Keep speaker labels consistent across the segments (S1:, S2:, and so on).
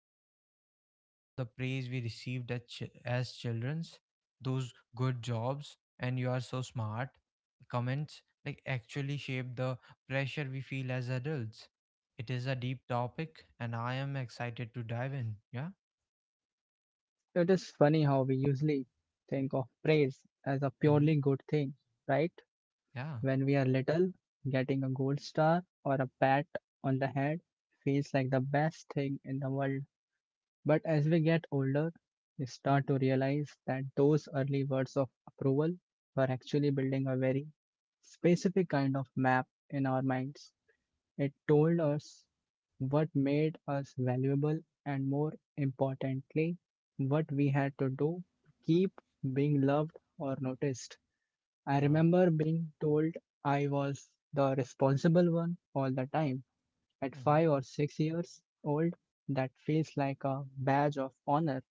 S1: at the how the praise we received as children's, those good jobs, and you are so smart comments like actually shape the pressure we feel as adults. It is a deep topic, and I am excited to dive in. Yeah.
S2: It is funny how we usually think of praise as a
S1: Mm-hmm.
S2: purely good thing, right?
S1: Yeah.
S2: When we are little, getting a gold star or a pat on the head feels like the best thing in the world. But as we get older, we start to realize that those early words of approval were actually building a very specific kind of map in our minds. It told us what made us valuable and more importantly, what we had to do to keep being loved or noticed. I
S1: Yeah,
S2: remember being told I was the responsible one all the time. At
S1: mm-hmm,
S2: 5 or 6 years old, that feels like a badge of honor.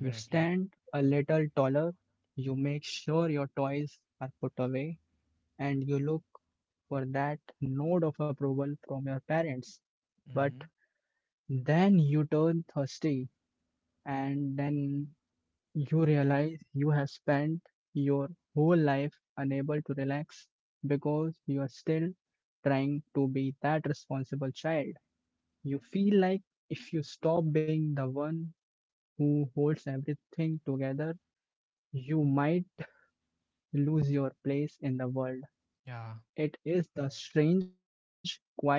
S2: You stand a little taller, you make sure your toys are put away, and you look for that nod of approval from your parents. But
S1: Mm-hmm.
S2: then you turn thirsty, and then you realize you have spent your whole life unable to relax because you are still trying to be that responsible child. You feel like if you stop being the one who holds everything together, you might lose your place in the world.
S1: Yeah,
S2: It is the strange, quiet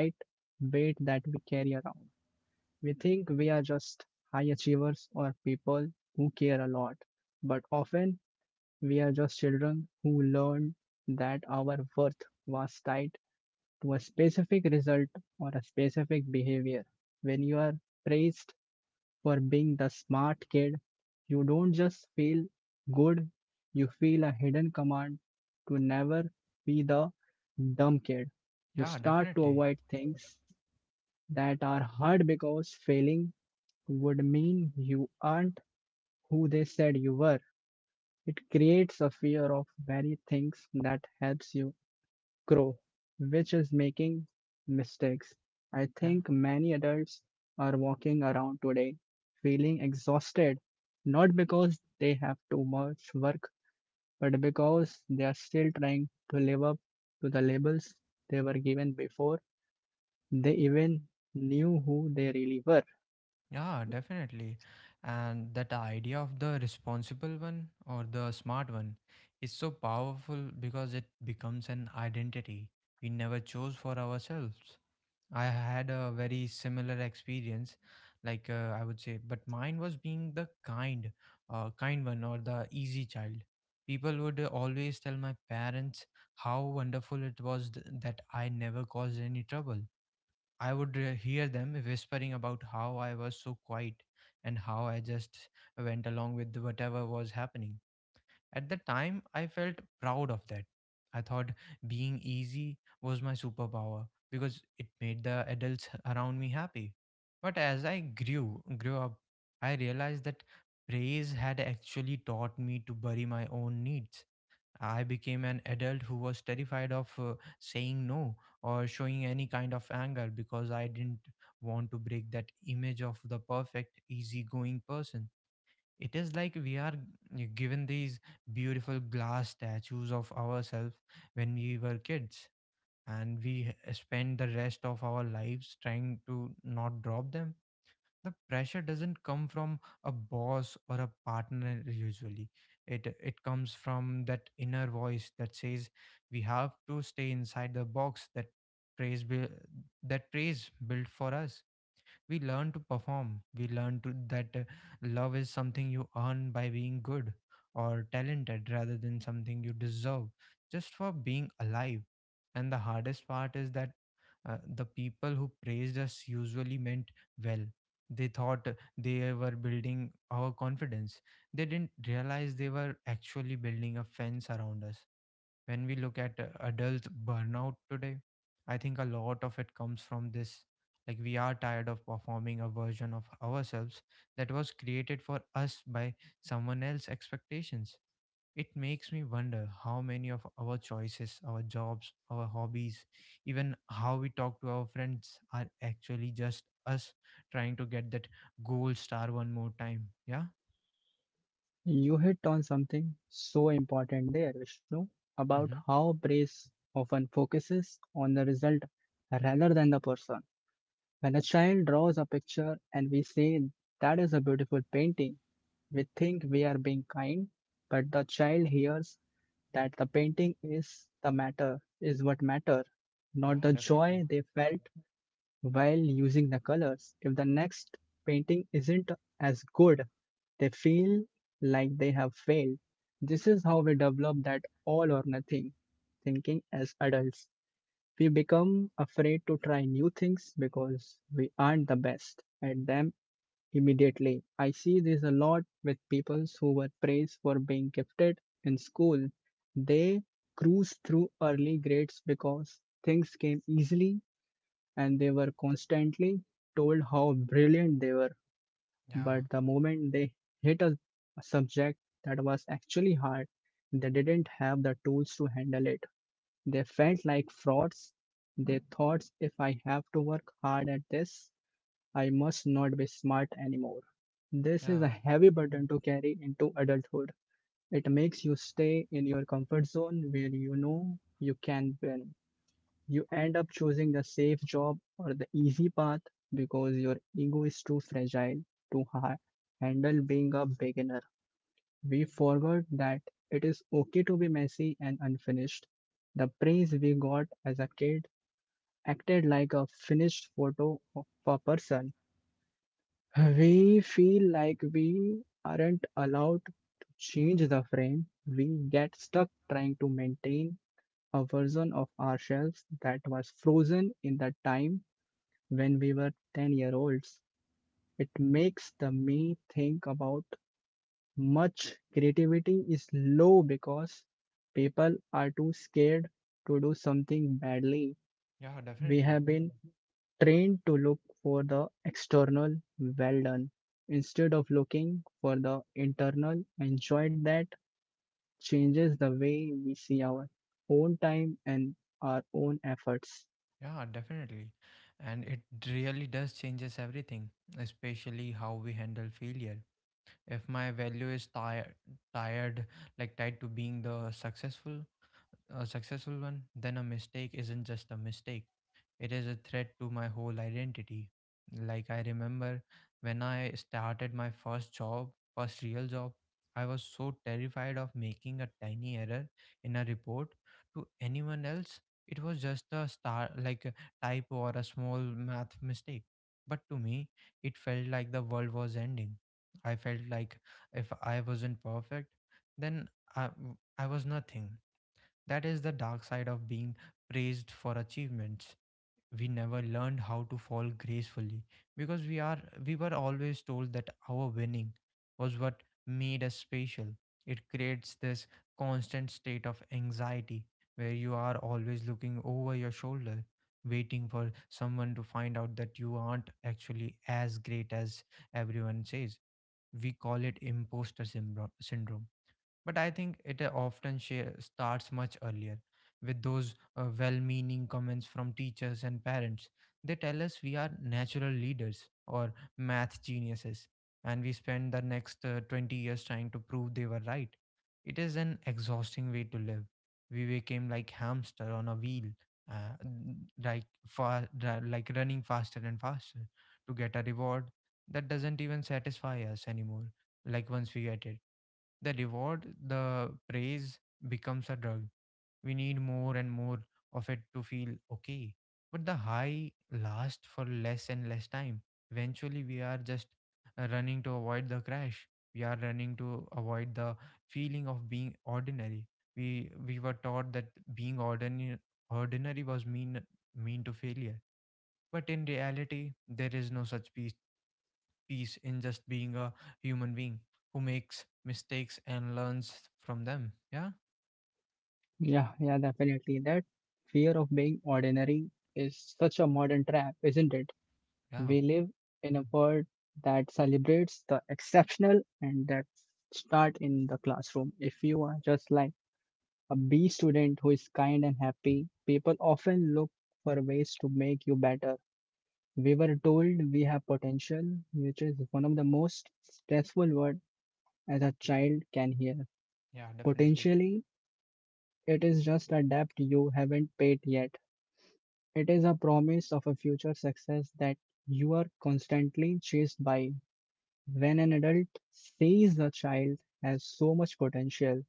S2: weight that we carry around. We think we are just high achievers or people who care a lot, but often we are just children who learned that our worth was tied to a specific result or a specific behavior. When you are praised for being the smart kid. You don't just feel good, you feel a hidden command to never be the dumb kid. You
S1: yeah,
S2: start to
S1: definitely.
S2: avoid things that are hard because failing would mean you aren't who they said you were. It creates a fear of very things that helps you grow, which is making mistakes. I
S1: Yeah,
S2: think many adults are walking around today feeling exhausted, not because they have too much work, but because they are still trying to live up to the labels they were given before they even knew who they really were.
S1: yeah, definitely. And that idea of the responsible one or the smart one is so powerful because it becomes an identity we never chose for ourselves. I had a very similar experience, like I would say, but mine was being the kind one or the easy child. People would always tell my parents how wonderful it was that I never caused any trouble. I would hear them whispering about how I was so quiet and how I just went along with whatever was happening. At the time, I felt proud of that. I thought being easy was my superpower because it made the adults around me happy. But as I grew up, I realized that praise had actually taught me to bury my own needs. I became an adult who was terrified of saying no or showing any kind of anger because I didn't want to break that image of the perfect, easygoing person. It is like we are given these beautiful glass statues of ourselves when we were kids, and we spend the rest of our lives trying to not drop them. The pressure doesn't come from a boss or a partner usually. It comes from that inner voice that says we have to stay inside the box that praise bui- that praise built for us. We learn to perform. We learn to that love is something you earn by being good or talented rather than something you deserve just for being alive. And the hardest part is that the people who praised us usually meant well. They thought they were building our confidence. They didn't realize they were actually building a fence around us. When we look at adult burnout today, I think a lot of it comes from this. Like, we are tired of performing a version of ourselves that was created for us by someone else's expectations. It makes me wonder how many of our choices, our jobs, our hobbies, even how we talk to our friends are actually just us trying to get that gold star one more time. Yeah?
S2: You hit on something so important there, Vishnu, about
S1: Mm-hmm.
S2: how praise often focuses on the result rather than the person. When a child draws a picture and we say that is a beautiful painting, we think we are being kind, but the child hears that the painting is the matter, is what matter, not
S1: Yeah,
S2: the
S1: definitely.
S2: joy they felt while using the colors. If the next painting isn't as good, they feel like they have failed. This is how we develop that all or nothing thinking as adults. We become afraid to try new things because we aren't the best at them immediately. I see this a lot with people who were praised for being gifted in school. They cruised through early grades because things came easily and they were constantly told how brilliant they were.
S1: Yeah,
S2: But the moment they hit a subject that was actually hard, they didn't have the tools to handle it. They felt like frauds. They thought, if I have to work hard at this, I must not be smart anymore. This is a
S1: yeah,
S2: heavy burden to carry into adulthood. It makes you stay in your comfort zone where you know you can win. You end up choosing the safe job or the easy path because your ego is too fragile to handle being a beginner. We forgot that it is okay to be messy and unfinished. The praise we got as a kid acted like a finished photo of a person. We feel like we aren't allowed to change the frame. We get stuck trying to maintain a version of ourselves that was frozen in the time when we were 10-year-olds. It makes the me think about much creativity is low because people are too scared to do something badly.
S1: yeah,
S2: We
S1: definitely.
S2: have been trained to look for the external well done instead of looking for the internal enjoyed that changes the way we see our own time and our own efforts.
S1: Yeah, definitely. And it really does changes everything, especially how we handle failure. If my value is tired tired like tied to being a successful one, then a mistake isn't just a mistake. It is a threat to my whole identity. Like I remember when I started my first real job, I was so terrified of making a tiny error in a report to anyone else. It was just a star like a typo or a small math mistake. But to me, it felt like the world was ending. I felt like if I wasn't perfect, then I, I was nothing. That is the dark side of being praised for achievements. We never learned how to fall gracefully because we were always told that our winning was what made us special. It creates this constant state of anxiety where you are always looking over your shoulder waiting for someone to find out that you aren't actually as great as everyone says. We call it syndrome, but I think it starts much earlier with those well meaning comments from teachers and parents. They tell us we are natural leaders or math geniuses, and we spend the next 20 years trying to prove they were right. It is an exhausting way to live. We became like hamster on a wheel, like running faster and faster to get a reward that doesn't even satisfy us anymore. Like once we get it, the reward, the praise becomes a drug. We need more and more of it to feel okay. But the high lasts for less and less time. Eventually, we are just running to avoid the crash. We are running to avoid the feeling of being ordinary. We were taught that being ordinary was mean to failure. But in reality, there is no such peace in just being a human being who makes mistakes and learns from them. Yeah,
S2: Yeah, yeah, definitely. That fear of being ordinary is such a modern trap, isn't it?
S1: yeah,
S2: We live in a world that celebrates the exceptional, and that start in the classroom. If you are just like a B student who is kind and happy, people often look for ways to make you better. We were told we have potential, which is one of the most stressful words as a child can hear.
S1: yeah, definitely.
S2: Potentially, it is just a debt you haven't paid yet. It is a promise of a future success that you are constantly chased by. When an adult sees a child has so much potential,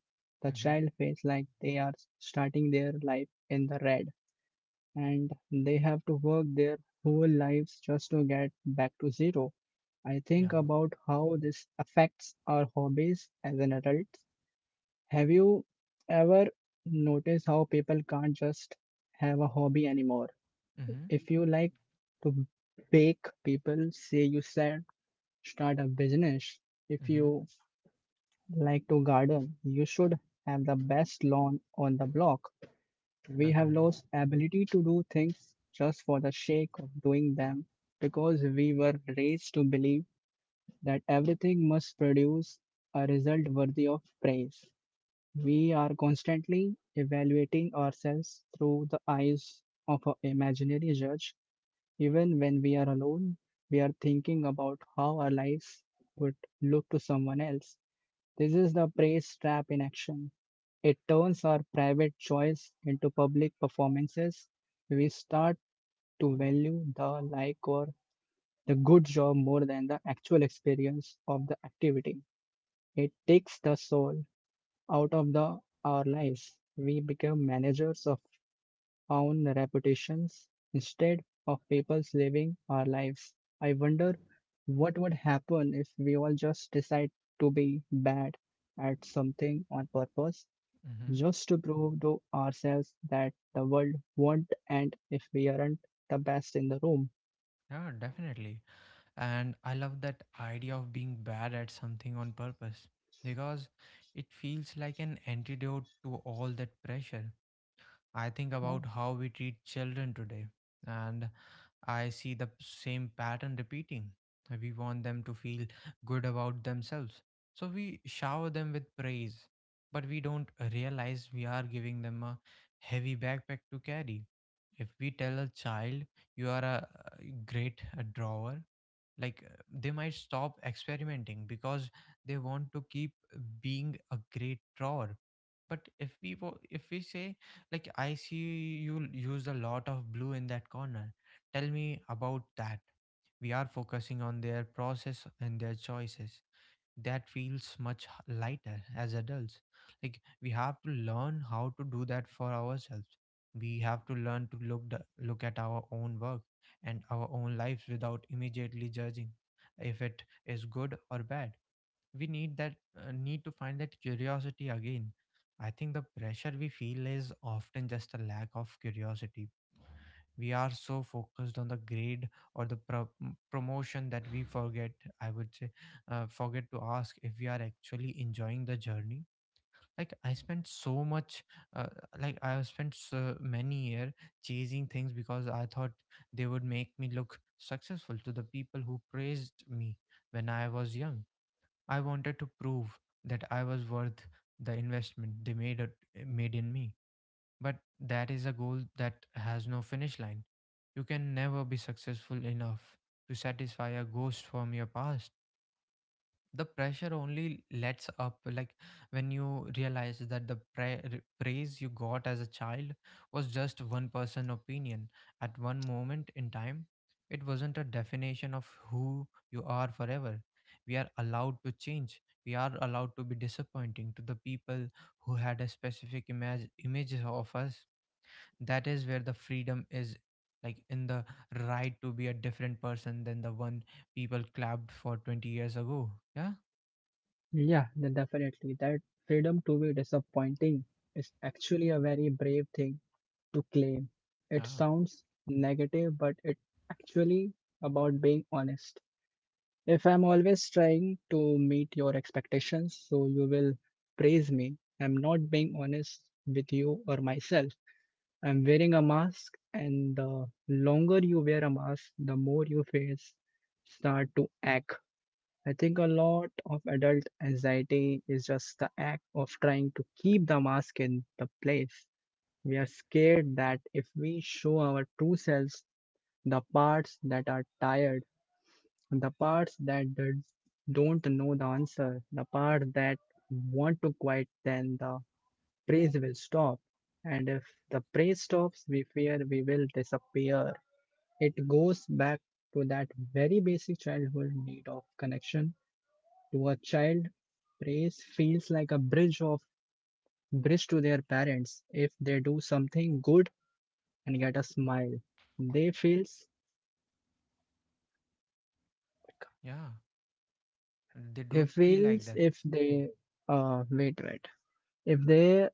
S2: the
S1: Mm-hmm.
S2: child feels like they are starting their life in the red, and they have to work their whole lives just to get back to zero. I think
S1: Yeah.
S2: about how this affects our hobbies as an adult. Have you ever noticed how people can't just have a hobby anymore?
S1: Mm-hmm.
S2: If you like to bake, people say you said start a business. If
S1: Mm-hmm.
S2: you like to garden, you should have the best lawn on the block. We have
S1: Definitely.
S2: lost ability to do things just for the sake of doing them because we were raised to believe that everything must produce a result worthy of praise. We are constantly evaluating ourselves through the eyes of an imaginary judge. Even when we are alone, we are thinking about how our lives would look to someone else. This is the praise trap in action. It turns our private choice into public performances. We start to value the like or the good job more than the actual experience of the activity. It takes the soul out of the our lives. We become managers of our own reputations instead of people's living our lives. I wonder what would happen if we all just decide to be bad at something on purpose
S1: Mm-hmm.
S2: just to prove to ourselves that the world won't end if we aren't the best in the room.
S1: Yeah, definitely. And I love that idea of being bad at something on purpose because it feels like an antidote to all that pressure. I think
S2: Yeah,
S1: about how we treat children today, and I see the same pattern repeating. We want them to feel good about themselves, so we shower them with praise, but we don't realize we are giving them a heavy backpack to carry. If we tell a child, "You are a great drawer," like they might stop experimenting because they want to keep being a great drawer. But if we say, like, "I see you used a lot of blue in that corner, tell me about that," we are focusing on their process and their choices. That feels much lighter. As adults, like we have to learn how to do that for ourselves. We have to learn to look look at our own work and our own lives without immediately judging if it is good or bad. We need to find that curiosity again. I think the pressure we feel is often just a lack of curiosity. We are so focused on the grade or the promotion that we forget, I would say forget to ask if we are actually enjoying the journey. Like uh, I have spent so many year chasing things because I thought they would make me look successful to the people who praised me when I was young. I wanted to prove that I was worth the investment made in me. But that is a goal that has no finish line. You can never be successful enough to satisfy a ghost from your past. The pressure only lets up like when you realize that the praise you got as a child was just one person opinion at one moment in time. It wasn't a definition of who you are forever. We are allowed to change. We are allowed to be disappointing to the people who had a specific images of us. That is where the freedom is, like in the right to be a different person than the one people clapped for 20 years ago. Yeah?
S2: yeah, then definitely. That freedom to be disappointing is actually a very brave thing to claim. It
S1: Yeah,
S2: sounds negative, but it actually about being honest. If I'm always trying to meet your expectations, so you will praise me, I'm not being honest with you or myself. I'm wearing a mask, and the longer you wear a mask, the more your face start to ache. I think a lot of adult anxiety is just the act of trying to keep the mask in the place. We are scared that if we show our true selves, the parts that are tired, the parts that don't know the answer, the part that want to quiet, then the praise will stop. And if the praise stops, we fear we will disappear. It goes back to that very basic childhood need of connection. To a child, praise feels like a bridge to their parents. If they do something good and get a smile, they feels
S1: yeah. They do
S2: they
S1: feel like
S2: feels
S1: that.
S2: if they wait wait if they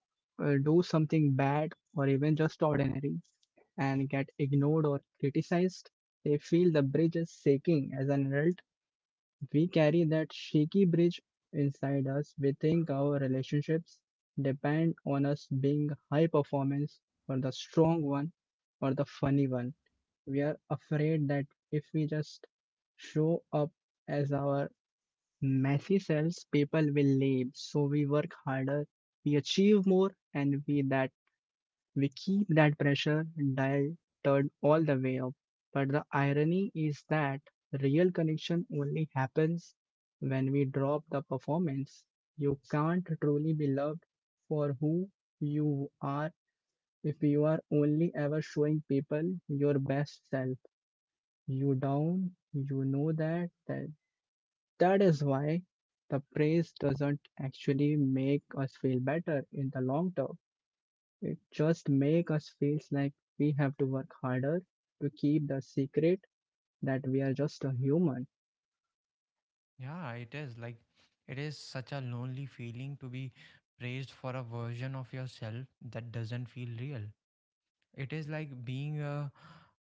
S2: do something bad or even just ordinary and get ignored or criticized, they feel the bridge is shaking. As an adult, we carry that shaky bridge inside us. We think our relationships depend on us being high performance or the strong one or the funny one. We are afraid that if we just show up as our Messy sells, people will leave, so we work harder, we achieve more, and we keep that pressure dial turned all the way up. But the irony is that real connection only happens when we drop the performance. You can't truly be loved for who you are if you are only ever showing people your best self. You down, you know that is why the praise doesn't actually make us feel better in the long term. It just makes us feel like we have to work harder to keep the secret that we are just a human.
S1: Yeah, it is like it is such a lonely feeling to be praised for a version of yourself that doesn't feel real. It is like being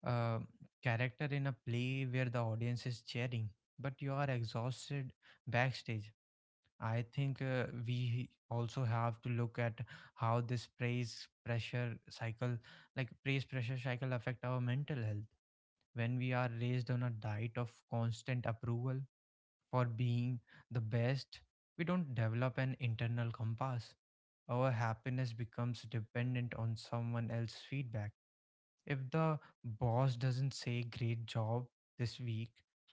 S1: a character in a play where the audience is cheering, but you are exhausted backstage. I think we also have to look at how this praise pressure cycle, affect our mental health. When we are raised on a diet of constant approval for being the best, we don't develop an internal compass. Our happiness becomes dependent on someone else's feedback. If the boss doesn't say great job this week,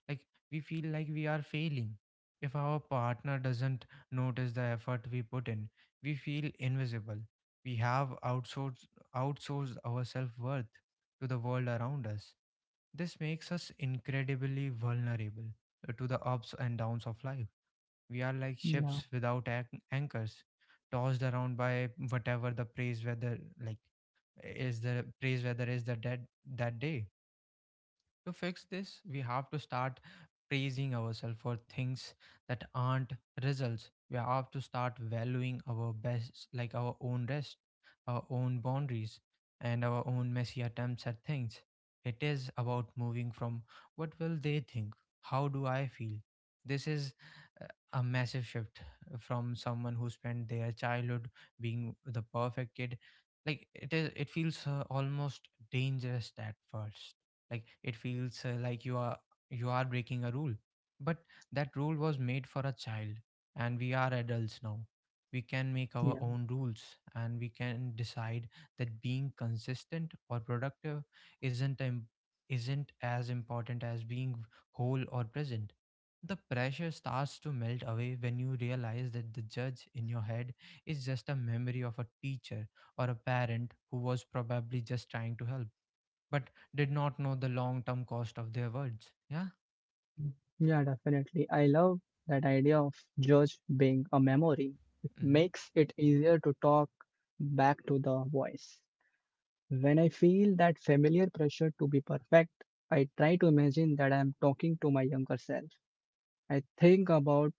S1: like we feel like we are failing. If our partner doesn't notice the effort we put in, we feel invisible. We have outsourced our self-worth to the world around us. This makes us incredibly vulnerable to the ups and downs of life. We are like
S2: Yeah,
S1: ships without anchors, tossed around by whatever the praise, whether like is the praise where there is the dead that day. To fix this, we have to start praising ourselves for things that aren't results. We have to start valuing our best, like our own rest, our own boundaries, and our own messy attempts at things. It is about moving from "What will they think?" "How do I feel?" This is a massive shift from someone who spent their childhood being the perfect kid. Like it feels almost dangerous at first, like it feels like you are breaking a rule. But that rule was made for a child, and we are adults now. We can make our
S2: yeah,
S1: own rules, and we can decide that being consistent or productive isn't im- isn't as important as being whole or present. The pressure starts to melt away when you realize that the judge in your head is just a memory of a teacher or a parent who was probably just trying to help but did not know the long term cost of their words. Yeah.
S2: yeah, definitely. I love that idea of judge being a memory. It
S1: Hmm.
S2: makes it easier to talk back to the voice. When I feel that familiar pressure to be perfect, I try to imagine that I am talking to my younger self. I think about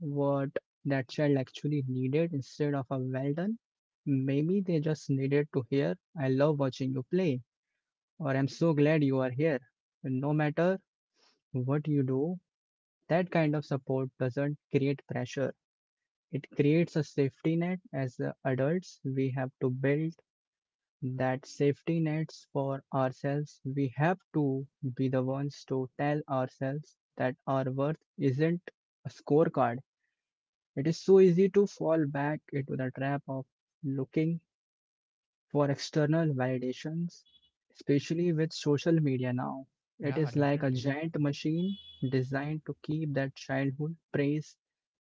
S2: what that child actually needed instead of a well done. Maybe they just needed to hear, I love watching you play, or I'm so glad you are here. No matter what you do, that kind of support doesn't create pressure. It creates a safety net. As adults, we have to build that safety nets for ourselves. We have to be the ones to tell ourselves that our worth isn't a scorecard. It is so easy to fall back into the trap of looking for external validations, especially with social media now. It
S1: Yeah,
S2: is like a
S1: definitely.
S2: giant machine designed to keep that childhood praise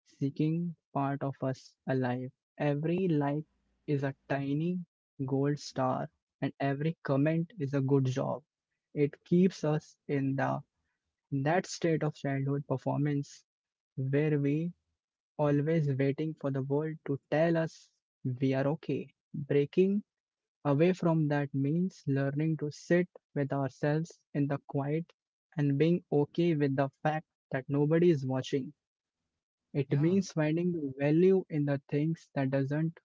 S2: seeking part of us alive. Every like is a tiny gold star, and every comment is a good job. It keeps us in the in that state of childhood performance where we always waiting for the world to tell us we are okay. Breaking away from that means learning to sit with ourselves in the quiet and being okay with the fact that nobody is watching. It
S1: Yeah.
S2: means finding the value in the things that doesn't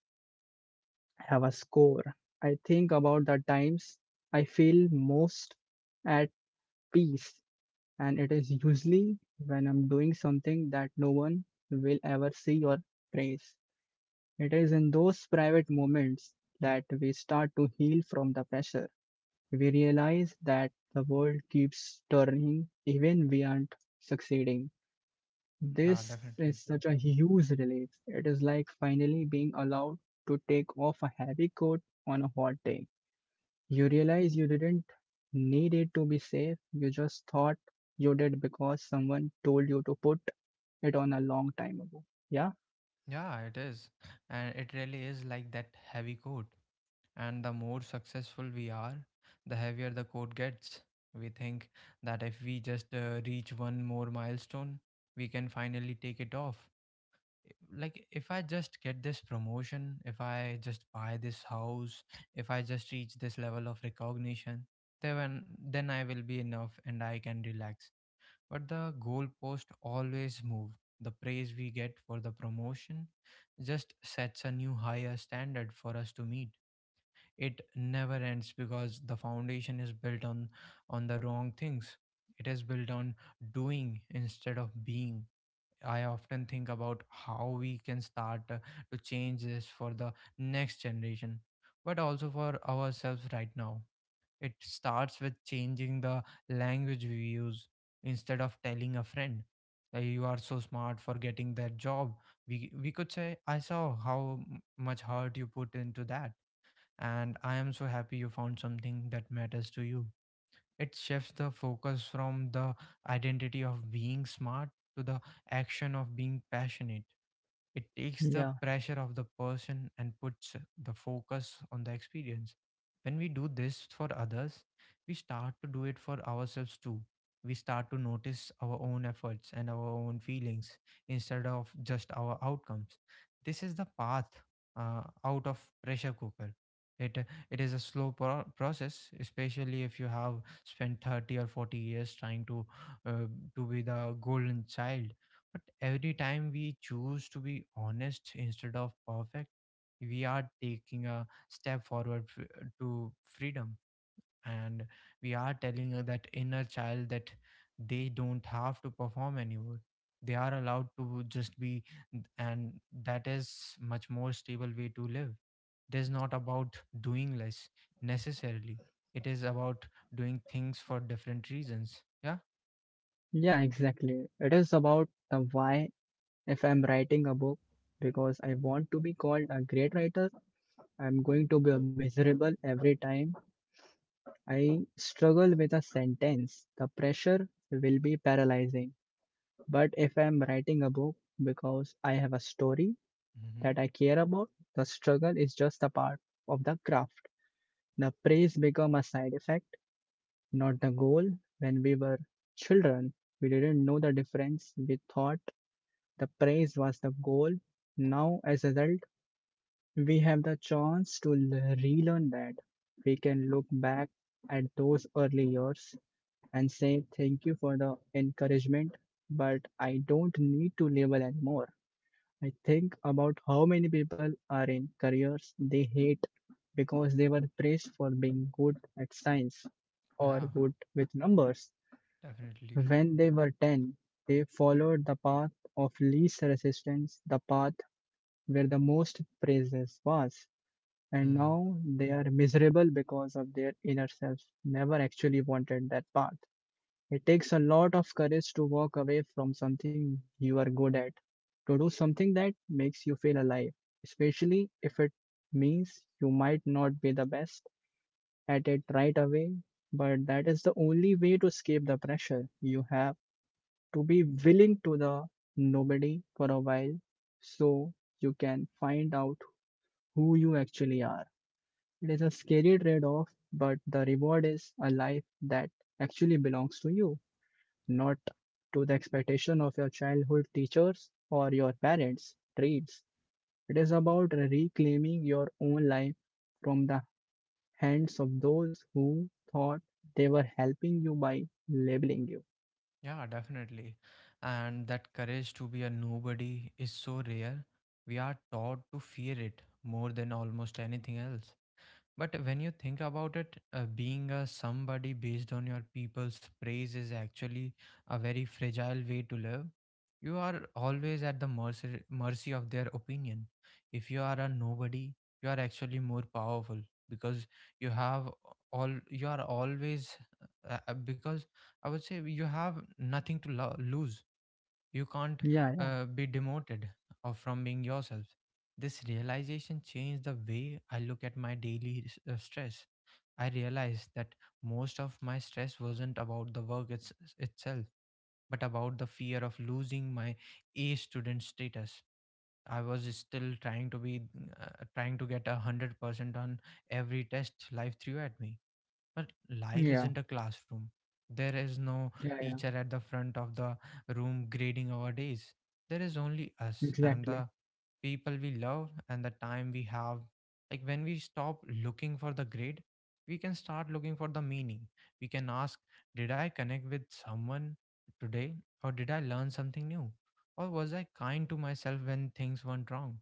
S2: have a score. I think about the times I feel most at peace and it is usually when I'm doing something that no one will ever see or praise. It is in those private moments that we start to heal from the pressure. We realize that the world keeps turning even we aren't succeeding.
S1: Yeah,
S2: This
S1: definitely.
S2: is such a huge relief. It is like finally being allowed to take off a heavy coat on a hot day. You realize you didn't need it to be safe, you just thought you did because someone told you to put it on a long time ago. Yeah?
S1: Yeah, it is. And it really is like that heavy coat. And the more successful we are, the heavier the coat gets. We think that if we just reach one more milestone, we can finally take it off. Like if I just get this promotion, if I just buy this house, if I just reach this level of recognition, then I will be enough and I can relax. But the goalpost always move. The praise we get for the promotion just sets a new higher standard for us to meet. It never ends because the foundation is built on the wrong things. It is built on doing instead of being. I often think about how we can start to change this for the next generation, but also for ourselves right now. It starts with changing the language we use. Instead of telling a friend, You are so smart for getting that job," we, we could say, "I saw how much heart you put into that, and I am so happy you found something that matters to you." It shifts the focus from the identity of being smart to the action of being passionate. It takes
S2: Yeah.
S1: the pressure off the person and puts the focus on the experience. When we do this for others, we start to do it for ourselves too. We start to notice our own efforts and our own feelings instead of just our outcomes. This is the path out of pressure cooker. It, it is a slow process, especially if you have spent 30 or 40 years trying uh, to be the golden child. But every time we choose to be honest instead of perfect, we are taking a step forward to freedom. And we are telling her that inner child that they don't have to perform anymore. They are allowed to just be, and that is much more stable way to live. It is not about doing less necessarily. It is about doing things for different reasons. Yeah.
S2: Yeah, exactly. It is about the why. If I'm writing a book because I want to be called a great writer, I'm going to be miserable every time I struggle with a sentence. The pressure will be paralyzing. But if I'm writing a book because I have a story
S1: Hmm.
S2: that I care about, the struggle is just a part of the craft. The praise become a side effect, not the goal. When we were children, we didn't know the difference. We thought the praise was the goal. Now, as adults, we have the chance to relearn that. We can look back at those early years and say, "Thank you for the encouragement, but I don't need to label anymore." I think about how many people are in careers they hate because they were praised for being good at science or
S1: Yeah,
S2: good with numbers.
S1: definitely.
S2: When they were 10, they followed the path of least resistance, the path where the most praises was and now they are miserable because of their inner self never actually wanted that path. It takes a lot of courage to walk away from something you are good at, to do something that makes you feel alive, especially if it means you might not be the best at it right away, but that is the only way to escape the pressure. You have to be willing to the nobody for a while so you can find out who you actually are. It is a scary trade off, but the reward is a life that actually belongs to you, not to the expectation of your childhood teachers or your parents' trades. It is about reclaiming your own life from the hands of those who thought they were helping you by labeling you.
S1: Yeah, definitely. And that courage to be a nobody is so rare. We are taught to fear it more than almost anything else. But when you think about it, being a somebody based on your people's praise is actually a very fragile way to live. You are always at the mercy of their opinion. If you are a nobody, you are actually more powerful because you have all you are always because I would say you have nothing to lose. You can't
S2: Yeah, yeah,
S1: be demoted or from being yourself. This realization changed the way I look at my daily stress. I realized that most of my stress wasn't about the work itself, but about the fear of losing my A student status. I was still trying to be trying to get 100% on every test life threw at me. But life
S2: yeah,
S1: isn't a classroom. There is no
S2: yeah, yeah.
S1: teacher at the front of the room grading our days. There is only us and
S2: Exactly,
S1: the people we love and the time we have. Like when we stop looking for the grade, we can start looking for the meaning. We can ask, did I connect with someone today? Or did I learn something new? Or was I kind to myself when things went wrong?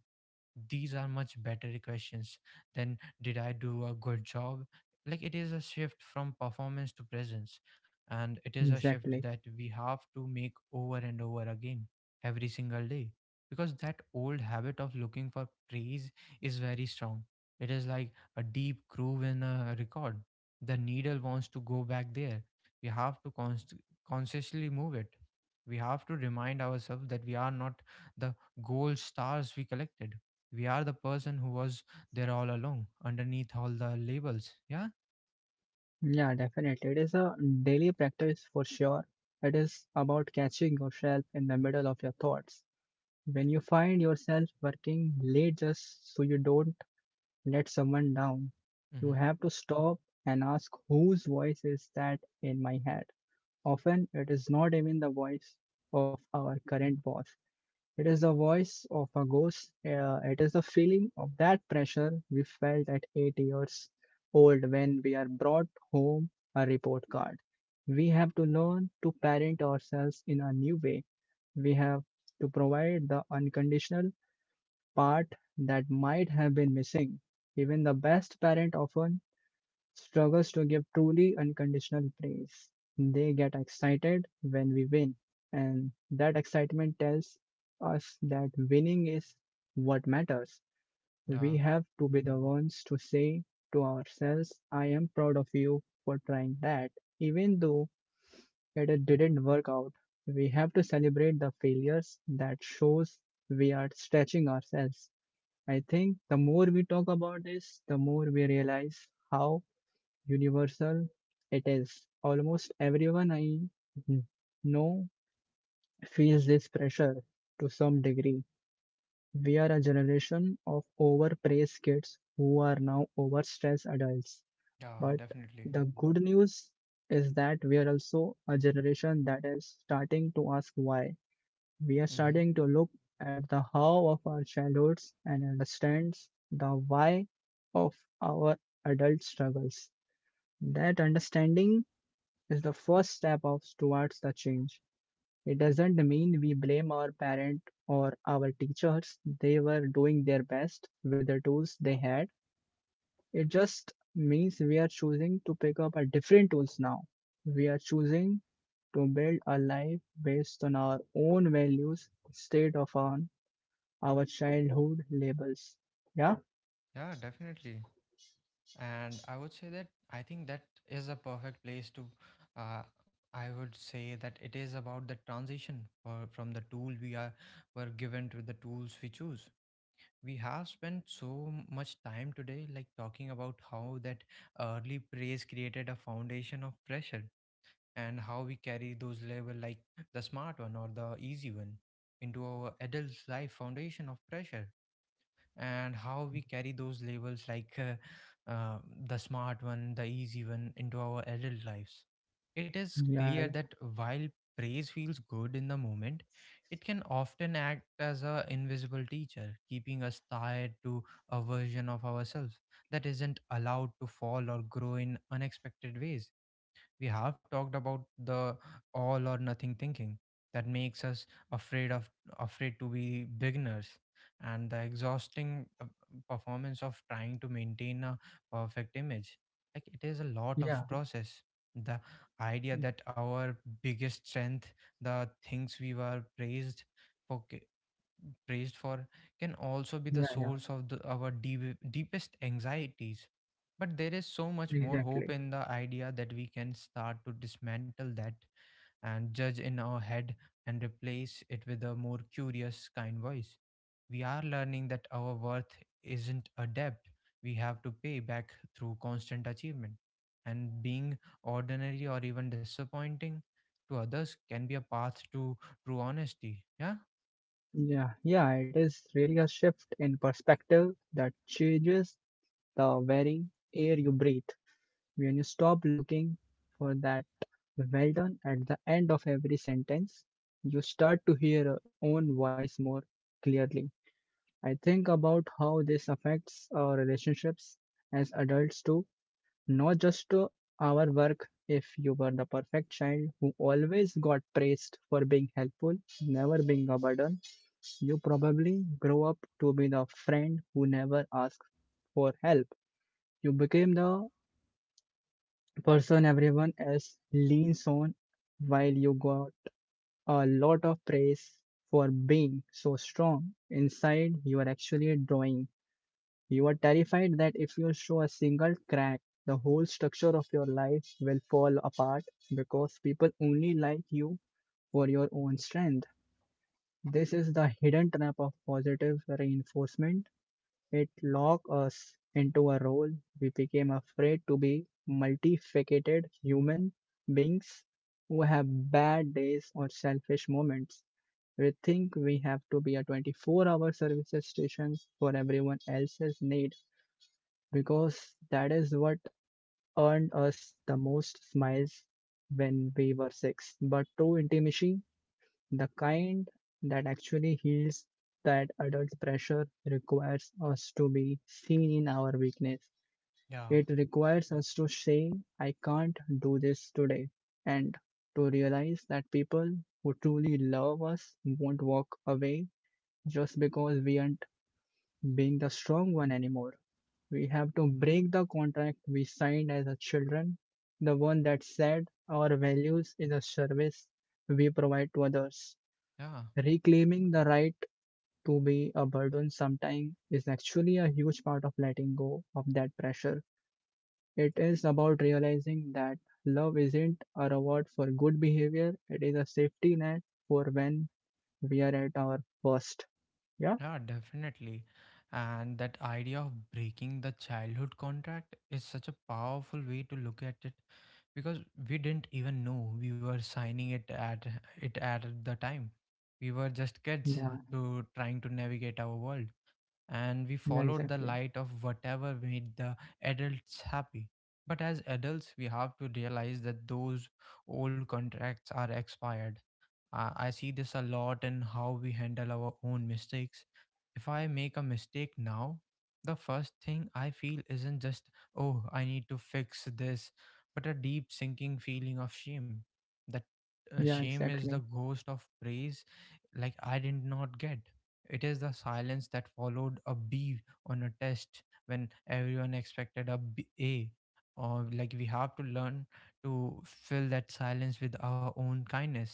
S1: These are much better questions than, did I do a good job? Like it is a shift from performance to presence. And it is a shift
S2: exactly.
S1: that we have to make over and over again every single day. Because that old habit of looking for praise is very strong. It is like a deep groove in a record. The needle wants to go back there. We have to consciously move it. We have to remind ourselves that we are not the gold stars we collected. We are the person who was there all along underneath all the labels. Yeah.
S2: Yeah, definitely. It is a daily practice for sure. It is about catching yourself in the middle of your thoughts. When you find yourself working late just so you don't let someone down, you
S1: Mm-hmm.
S2: have to stop and ask whose voice is that in my head. Often it is not even the voice of our current boss. It is the voice of a ghost. It is the feeling of that pressure we felt at 8 years old when we are brought home a report card. We have to learn to parent ourselves in a new way. We have to provide the unconditional part that might have been missing. Even the best parent often struggles to give truly unconditional praise. They get excited when we win, and that excitement tells us that winning is what matters. We
S1: Yeah,
S2: have to be the ones to say to ourselves, "I am proud of you for trying that, even though it didn't work out." We have to celebrate the failures that shows we are stretching ourselves. I think the more we talk about this, the more we realize how universal it is. Almost everyone I know feels this pressure to some degree. We are a generation of overpraised kids who are now overstressed adults.
S1: yeah,
S2: But
S1: definitely.
S2: the good news is that we are also a generation that is starting to ask why. We are
S1: Mm-hmm.
S2: starting to look at the how of our childhoods and understands the why of our adult struggles. That understanding is the first step of towards the change. It doesn't mean we blame our parent or our teachers. They were doing their best with the tools they had. It just means we are choosing to pick up a different tools now. We are choosing to build a life based on our own values instead of on our childhood labels. Yeah,
S1: Yeah, definitely. And I would say that I think that is a perfect place to. Uh, I would say that it is about the transition from the tool we are were given to the tools we choose. We have spent so much time today, like talking about how that early praise created a foundation of pressure and how we carry those labels like the smart one or the easy one into our adult life, foundation of pressure and how we carry those labels like the smart one, the easy one into our adult lives. It is
S2: yeah,
S1: clear that while praise feels good in the moment, it can often act as a invisible teacher keeping us tied to a version of ourselves that isn't allowed to fall or grow in unexpected ways. We have talked about the all or nothing thinking that makes us afraid of afraid to be beginners, and the exhausting performance of trying to maintain a perfect image. Like it is a lot of
S2: yeah,
S1: process. The idea
S2: yeah,
S1: that our biggest strength, the things we were for praised for, can also be the
S2: yeah, yeah,
S1: source of our deepest anxieties. But there is so much more hope
S2: exactly.
S1: in the idea that we can start to dismantle that and judge in our head and replace it with a more curious, kind voice. We are learning that our worth isn't a debt we have to pay back through constant achievement. And being ordinary or even disappointing to others can be a path to true honesty. Yeah,
S2: Yeah, yeah, it is really a shift in perspective that changes the very air you breathe. When you stop looking for that well done at the end of every sentence, you start to hear your own voice more clearly. I think about how this affects our relationships as adults too. Not just to our work. If you were the perfect child who always got praised for being helpful, never being a burden, you probably grow up to be the friend who never asks for help. You became the person everyone else leans on while you got a lot of praise for being so strong. Inside, you are actually drawing. You are terrified that if you show a single crack, the whole structure of your life will fall apart because people only like you for your own strength. This is the hidden trap of positive reinforcement. It locks us into a role. We became afraid to be multifaceted human beings who have bad days or selfish moments. We think we have to be a 24-hour service station for everyone else's need because that is what earned us the most smiles when we were six. But true intimacy, the kind that actually heals that adult pressure, requires us to be seen in our weakness.
S1: yeah,
S2: It requires us to say, "I can't do this today," and to realize that people who truly love us won't walk away just because we aren't being the strong one anymore. We have to break the contract we signed as a children, the one that said our values is a service we provide to others.
S1: yeah.
S2: Reclaiming the right to be a burden sometime is actually a huge part of letting go of that pressure. It is about realizing that love isn't a reward for good behavior, it is a safety net for when we are at our worst. Yeah?
S1: Yeah, definitely. And that idea of breaking the childhood contract is such a powerful way to look at it because we didn't even know we were signing it at the time. We were just kids
S2: Yeah,
S1: to trying to navigate our world, and we
S2: yeah,
S1: followed the
S2: exactly.
S1: light of whatever made the adults happy. But as adults, we have to realize that those old contracts are expired. I see this a lot in how we handle our own mistakes. If I make a mistake now, the first thing I feel isn't just, oh, I need to fix this, but a deep sinking feeling of shame. That
S2: Yeah,
S1: shame is the
S2: exactly.
S1: ghost of praise, like I did not get. It is the silence that followed a B on a test when everyone expected a A. Or like we have to learn to fill that silence with our own kindness.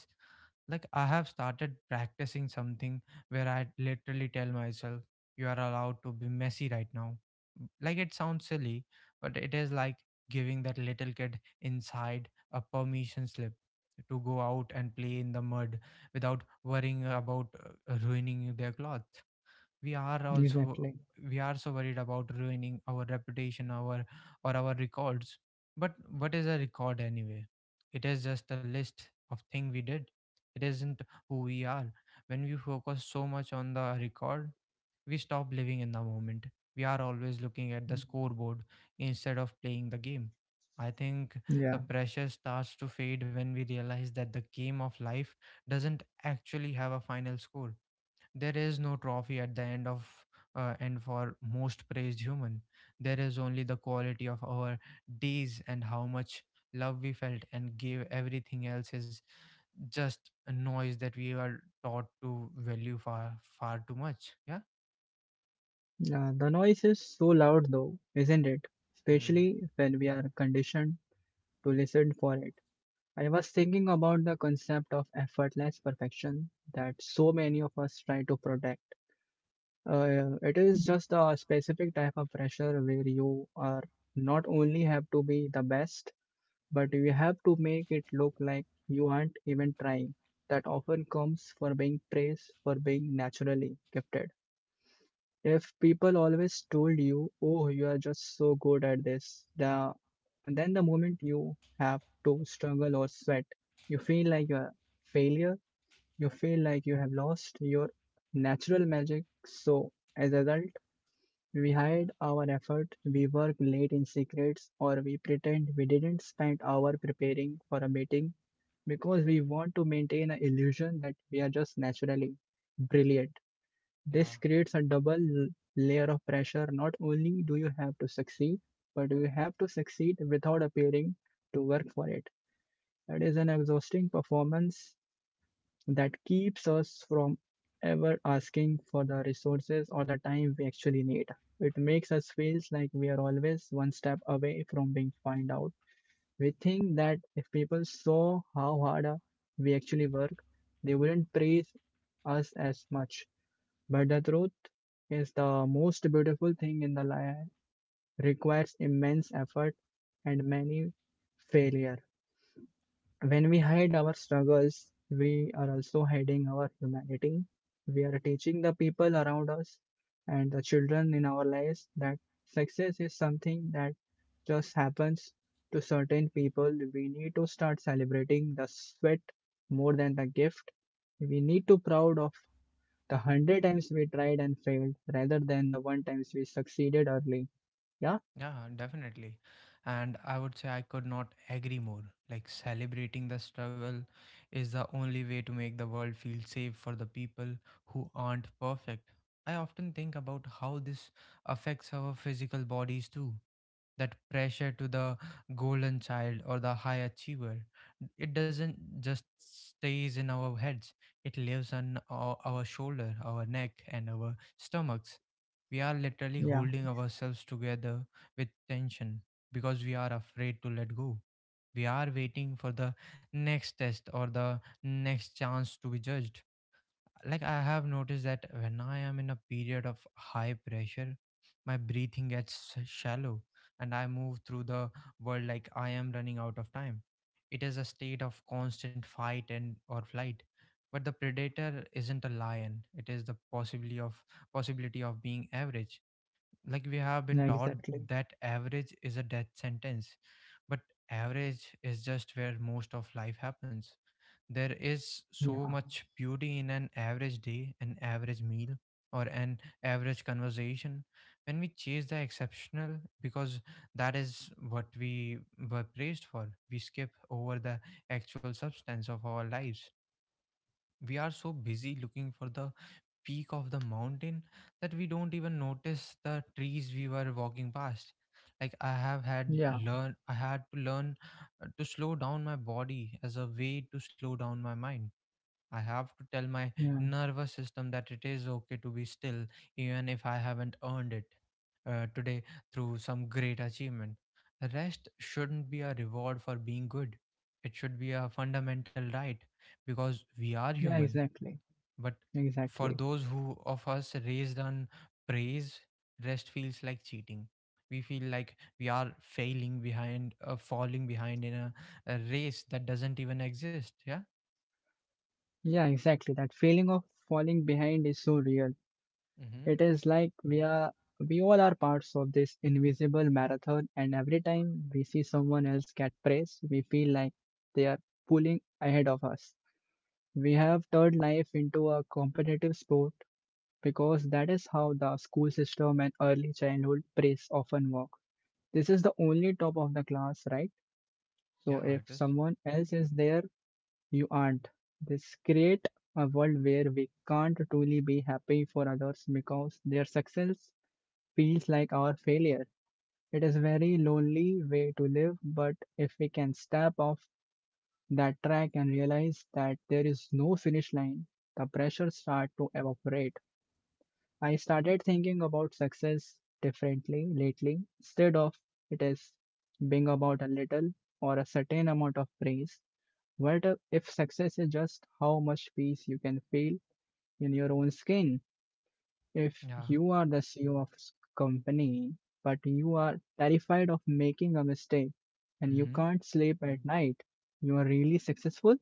S1: Like I have started practicing something where I literally tell myself, you are allowed to be messy right now. Like it sounds silly, but it is like giving that little kid inside a permission slip to go out and play in the mud without worrying about ruining their clothes. we are also
S2: Exactly.
S1: we are so worried about ruining our reputation our or our records. But what is a record anyway? It is just a list of thing we did. It isn't who we are. When we focus so much on the record, we stop living in the moment. We are always looking at the scoreboard instead of playing the game. I think
S2: Yeah.
S1: the pressure starts to fade when we realize that the game of life doesn't actually have a final score. There is no trophy at the end for most praised human. There is only the quality of our days and how much love we felt and gave. Everything else is just a noise that we are taught to value far far too much. Yeah.
S2: Yeah, the noise is so loud though, isn't it?
S1: Hmm.
S2: Especially when we are conditioned to listen for it. I was thinking about the concept of effortless perfection that so many of us try to protect. It is just a specific type of pressure where you are not only have to be the best, but you have to make it look like you aren't even trying. That often comes for being praised for being naturally gifted. If people always told you, "Oh, you are just so good at this," the then the moment you have to struggle or sweat, you feel like you're a failure. You feel like you have lost your natural magic. So as a result, we hide our effort, we work late in secrets, or we pretend we didn't spend hour preparing for a meeting because we want to maintain an illusion that we are just naturally brilliant. This
S1: Yeah.
S2: creates a double layer of pressure. Not only do you have to succeed, but you have to succeed without appearing to work for it. That is an exhausting performance that keeps us from ever asking for the resources or the time we actually need. It makes us feel like we are always one step away from being found out. We think that if people saw how hard we actually work, they wouldn't praise us as much. But the truth is the most beautiful thing in the life requires immense effort and many failure. When we hide our struggles, we are also hiding our humanity. We are teaching the people around us and the children in our lives that success is something that just happens to certain people. We need to start celebrating the sweat more than the gift. We need to proud of the 100 times we tried and failed rather than the one times we succeeded early. Yeah?
S1: Yeah, definitely. And I would say I could not agree more. Like, celebrating the struggle is the only way to make the world feel safe for the people who aren't perfect. I often think about how this affects our physical bodies too. That pressure to the golden child or the high achiever, it doesn't just stays in our heads, it lives on our shoulder, our neck, and our stomachs. We are literally
S2: Yeah.
S1: holding ourselves together with tension because we are afraid to let go. We are waiting for the next test or the next chance to be judged. Like, I have noticed that when I am in a period of high pressure, my breathing gets shallow and I move through the world like I am running out of time. It is a state of constant fight and or flight. But the predator isn't a lion. It is the possibility of being average, like we have been
S2: Yeah,
S1: taught
S2: exactly.
S1: that average is a death sentence. But average is just where most of life happens. There is
S2: Yeah.
S1: so much beauty in an average day, an average meal, or an average conversation. When we chase the exceptional because that is what we were praised for, we skip over the actual substance of our lives. We are so busy looking for the peak of the mountain that we don't even notice the trees we were walking past. Like I have had
S2: Yeah.
S1: learn I had to learn to slow down my body as a way to slow down my mind. I have to tell my
S2: Yeah.
S1: nervous system that it is okay to be still, even if I haven't earned it today through some great achievement. Rest shouldn't be a reward for being good. It should be a fundamental right because we are
S2: Yeah,
S1: human.
S2: exactly.
S1: But for
S2: Exactly.
S1: those who of us raised on praise, rest feels like cheating. We feel like we are failing behind, falling behind in a race that doesn't even exist. Yeah.
S2: Yeah, exactly. That feeling of falling behind is so real.
S1: Mm-hmm.
S2: It is like we are we all are parts of this invisible marathon and every time we see someone else get praise, we feel like they are pulling ahead of us. We have turned life into a competitive sport because that is how the school system and early childhood praise often work. This is the only top of the class, right? So
S1: Yeah,
S2: if
S1: it is.
S2: someone else is there, you aren't. This create a world where we can't truly be happy for others because their success feels like our failure. It is a very lonely way to live, but if we can step off that track and realize that there is no finish line, the pressure start to evaporate. I started thinking about success differently lately. Instead of it is being about a little or a certain amount of praise, what if success is just how much peace you can feel in your own skin? If
S1: Yeah.
S2: you are the CEO of company, but you are terrified of making a mistake and you
S1: Mm-hmm.
S2: can't sleep at night, you are really successful?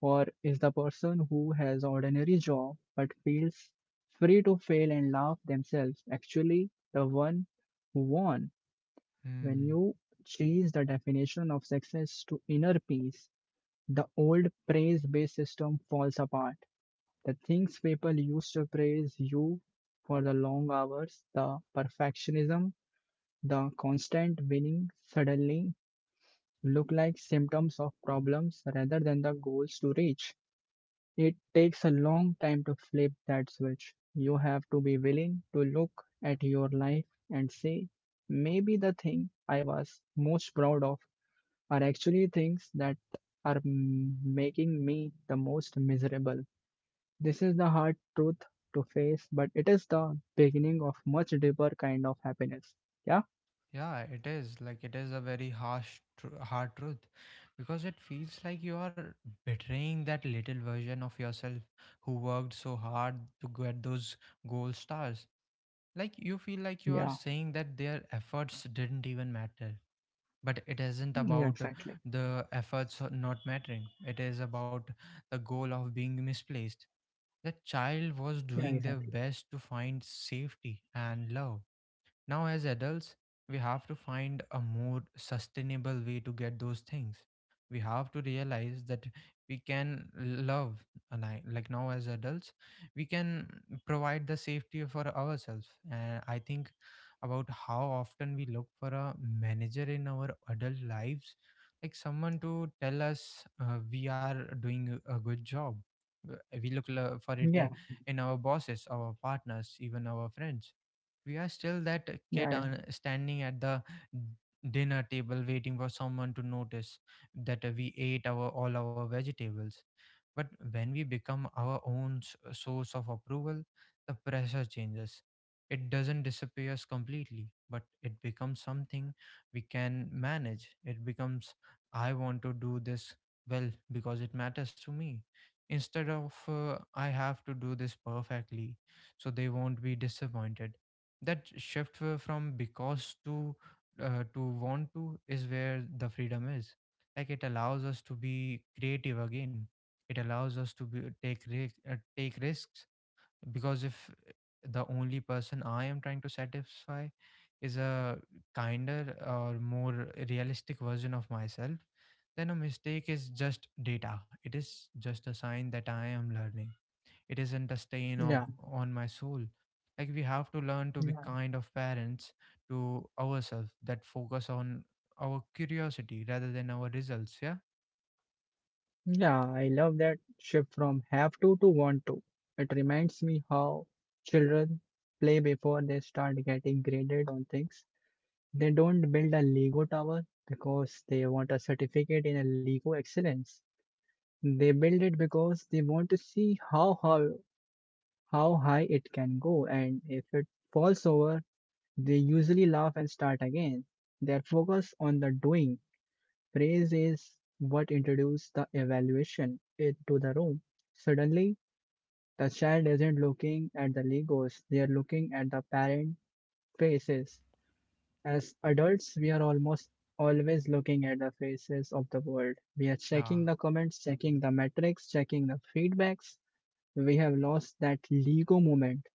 S2: Or is the person who has ordinary job but feels free to fail and laugh themselves actually the one who won? When
S1: Hmm.
S2: you change the definition of success to inner peace, the old praise-based system falls apart. The things people used to praise you for the long hours, the perfectionism, the constant winning suddenly look like symptoms of problems rather than the goals to reach. It takes a long time to flip that switch. You have to be willing to look at your life and say, maybe the thing I was most proud of are actually things that are making me the most miserable. This is the hard truth to face, but it is the beginning of much deeper kind of happiness. Yeah,
S1: Yeah, it is. Like, it is a very harsh, hard truth, because it feels like you are betraying that little version of yourself who worked so hard to get those gold stars. Like, you feel like
S2: yeah,
S1: you are saying that their efforts didn't even matter. But it isn't
S2: yeah,
S1: about
S2: exactly.
S1: the efforts not mattering. It is about the goal of being misplaced. The child was
S2: Yeah,
S1: doing their
S2: exactly.
S1: best to find safety and love. Now, as adults, we have to find a more sustainable way to get those things. We have to realize that we can love, and I like now as adults, we can provide the safety for ourselves. And I think about how often we look for a manager in our adult lives, like someone to tell us we are doing a good job. Uh, We look lo-
S2: Yeah,
S1: for it in our bosses, our partners, even our friends. We are still that
S2: yeah, yeah,
S1: kid standing at the dinner table waiting for someone to notice that we ate our all our vegetables. But when we become our own source of approval, the pressure changes. It doesn't disappears completely, but it becomes something we can manage. It becomes, I want to do this well because it matters to me, instead of I have to do this perfectly so they won't be disappointed. That shift from because to want to is where the freedom is. Like, it allows us to be creative again. It allows us to take take risks. Because if the only person I am trying to satisfy is a kinder or more realistic version of myself, then a mistake is just data. It is just a sign that I am learning. It isn't a stain
S2: yeah.
S1: of on my soul. Like, we have to learn to be
S2: Yeah.
S1: kind of parents to ourselves that focus on our curiosity rather than our results. Yeah.
S2: Yeah, I love that shift from have to want to. It reminds me how children play before they start getting graded on things. They don't build a Lego tower because they want a certificate in a Lego excellence. They build it because they want to see how high it can go, and if it falls over, they usually laugh and start again. They are focused on the doing. Praise is what introduces the evaluation into the room. Suddenly, the child isn't looking at the Legos, they are looking at the parent faces. As adults, we are almost always looking at the faces of the world. We are
S1: Yeah.
S2: checking the comments, checking the metrics, checking the feedbacks. We have lost that Lego moment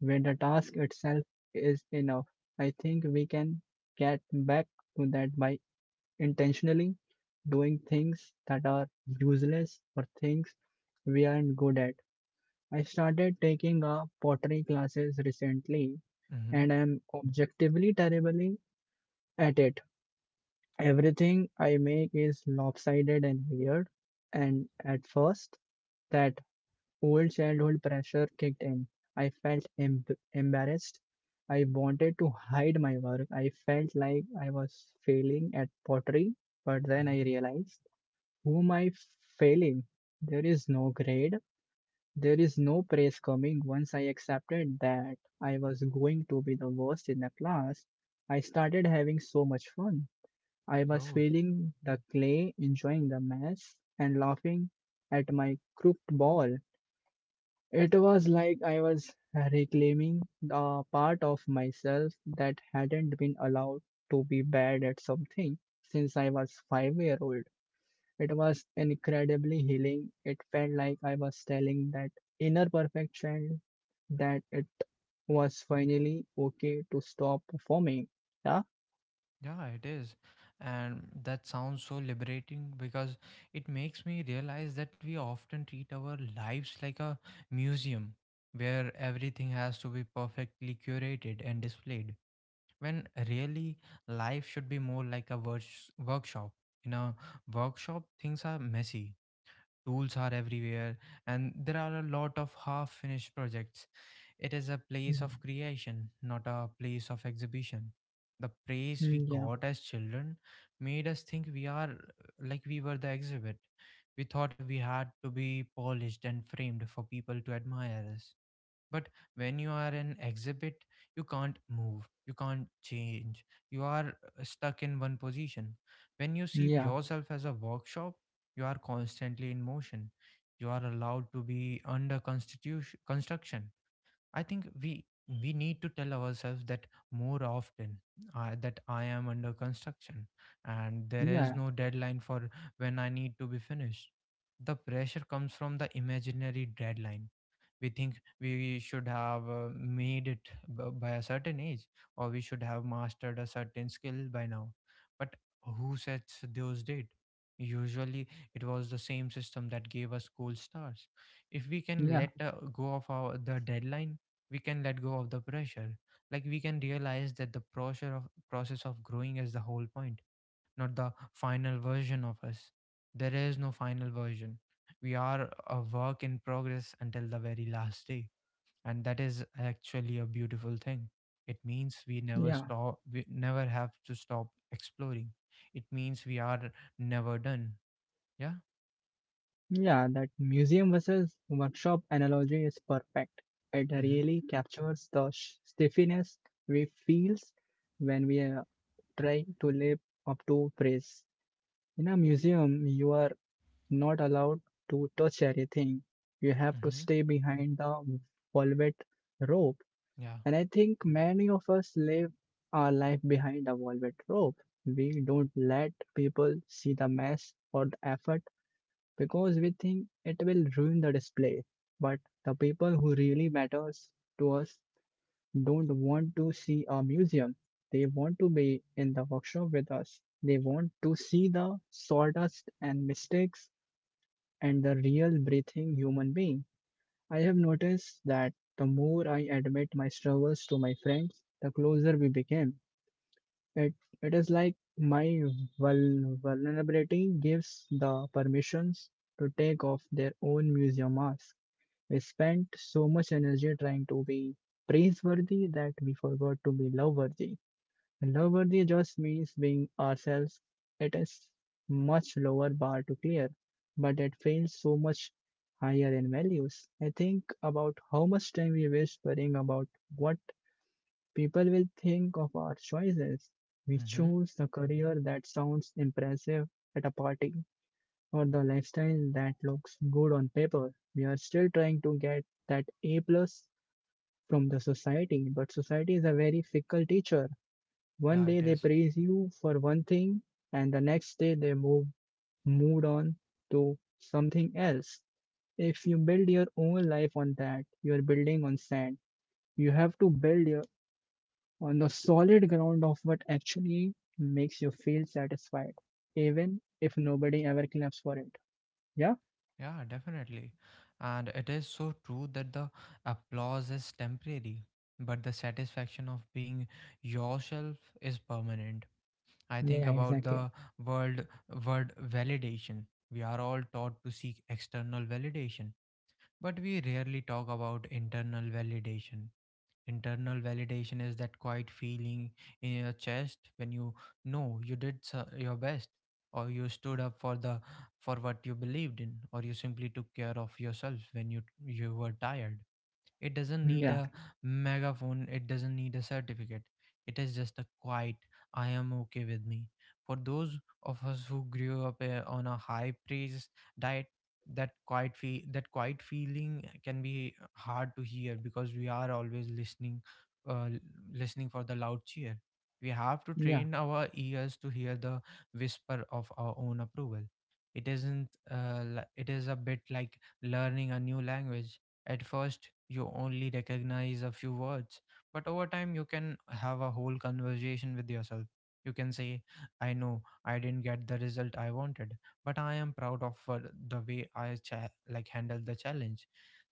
S2: where the task itself is enough. I think we can get back to that by intentionally doing things that are useless or things we aren't good at. I started taking a pottery classes recently
S1: Mm-hmm.
S2: and I'm objectively terribly at it. Everything I make is lopsided and weird, and at first, that old childhood pressure kicked in. I felt embarrassed. I wanted to hide my work. I felt like I was failing at pottery, but then I
S1: Mm-hmm.
S2: realized who am I failing? There is no grade. There is no praise coming. Once I accepted that I was going to be the worst in the class, I started having so much fun. I was
S1: Oh,
S2: feeling the clay, enjoying the mess, and laughing at my crooked ball. It was like I was reclaiming the part of myself that hadn't been allowed to be bad at something since I was 5-year old. It was incredibly healing. It felt like I was telling that inner perfection that it was finally okay to stop performing. Yeah.
S1: yeah, it is. And that sounds so liberating, because it makes me realize that we often treat our lives like a museum, where everything has to be perfectly curated and displayed. When really, life should be more like a workshop. In a workshop, things are messy, tools are everywhere, and there are a lot of half finished projects. It is a place
S2: Mhm.
S1: of creation, not a place of exhibition. The praise we
S2: Mm, yeah,
S1: got as children made us think we are, like, we were the exhibit. We thought we had to be polished and framed for people to admire us. But when you are an exhibit, you can't move, you can't change. You are stuck in one position. When you see
S2: yeah,
S1: yourself as a workshop, you are constantly in motion. You are allowed to be under constitution construction. I think we need to tell ourselves that more often, that I am under construction, and there is
S2: yeah,
S1: no deadline for when I need to be finished. The pressure comes from the imaginary deadline. We think we should have made it by a certain age, or we should have mastered a certain skill by now. But who sets those date? Usually it was the same system that gave us gold stars. If we can
S2: yeah,
S1: let go of our the deadline, we can let go of the pressure. Like, we can realize that the pressure of process of growing is the whole point, not the final version of us. There is no final version. We are a work in progress until the very last day. And that is actually a beautiful thing. It means we never
S2: yeah,
S1: stop, we never have to stop exploring. It means we are never done. Yeah.
S2: yeah. That museum versus workshop analogy is perfect. It
S1: Mm-hmm.
S2: really captures the stiffness we feels when we are trying to live up to praise. In a museum, you are not allowed to touch anything. You have to
S1: Mm-hmm.
S2: stay behind the velvet rope.
S1: Yeah.
S2: And I think many of us live our life behind the velvet rope. We don't let people see the mess or the effort because we think it will ruin the display. But the people who really matters to us don't want to see a museum. They want to be in the workshop with us. They want to see the sawdust and mistakes and the real breathing human being. I have noticed that the more I admit my struggles to my friends, the closer we became. It, it is like my vulnerability gives the permissions to take off their own museum mask. We spent so much energy trying to be praiseworthy that we forgot to be loveworthy. Loverty just means being ourselves. It is much lower bar to clear, but it feels so much higher in values. I think about how much time we waste worrying about what people will think of our choices. We
S1: Mm-hmm.
S2: choose the career that sounds impressive at a party or the lifestyle that looks good on paper. We are still trying to get that A plus from the society, but society is a very fickle teacher. One
S1: Yeah,
S2: day
S1: it
S2: they
S1: is.
S2: praise you for one thing, and the next day they moved on to something else. If you build your own life on that, you are building on sand. You have to build your, on the solid ground of what actually makes you feel satisfied, even if nobody ever claps for it. Yeah.
S1: Yeah, definitely. And it is so true that the applause is temporary, but the satisfaction of being yourself is permanent. I
S2: Yeah,
S1: think about
S2: exactly.
S1: the world word validation. We are all taught to seek external validation, but we rarely talk about internal validation. Internal validation is that quiet feeling in your chest when you know you did your best, or you stood up for the for what you believed in, or you simply took care of yourself when you were tired. It doesn't need
S2: Yeah,
S1: a megaphone, it doesn't need a certificate. It is just a quiet, I am okay with me. For those of us who grew up on a high praise diet, that that quiet feeling can be hard to hear because we are always listening uh, l- listening for the loud cheer. We have to
S2: yeah,
S1: train our ears to hear the whisper of our own approval. It isn't it is a bit like learning a new language. At first, you only recognize a few words, but over time, you can have a whole conversation with yourself. You can say, I know I didn't get the result I wanted, but I am proud of the way I handled the challenge.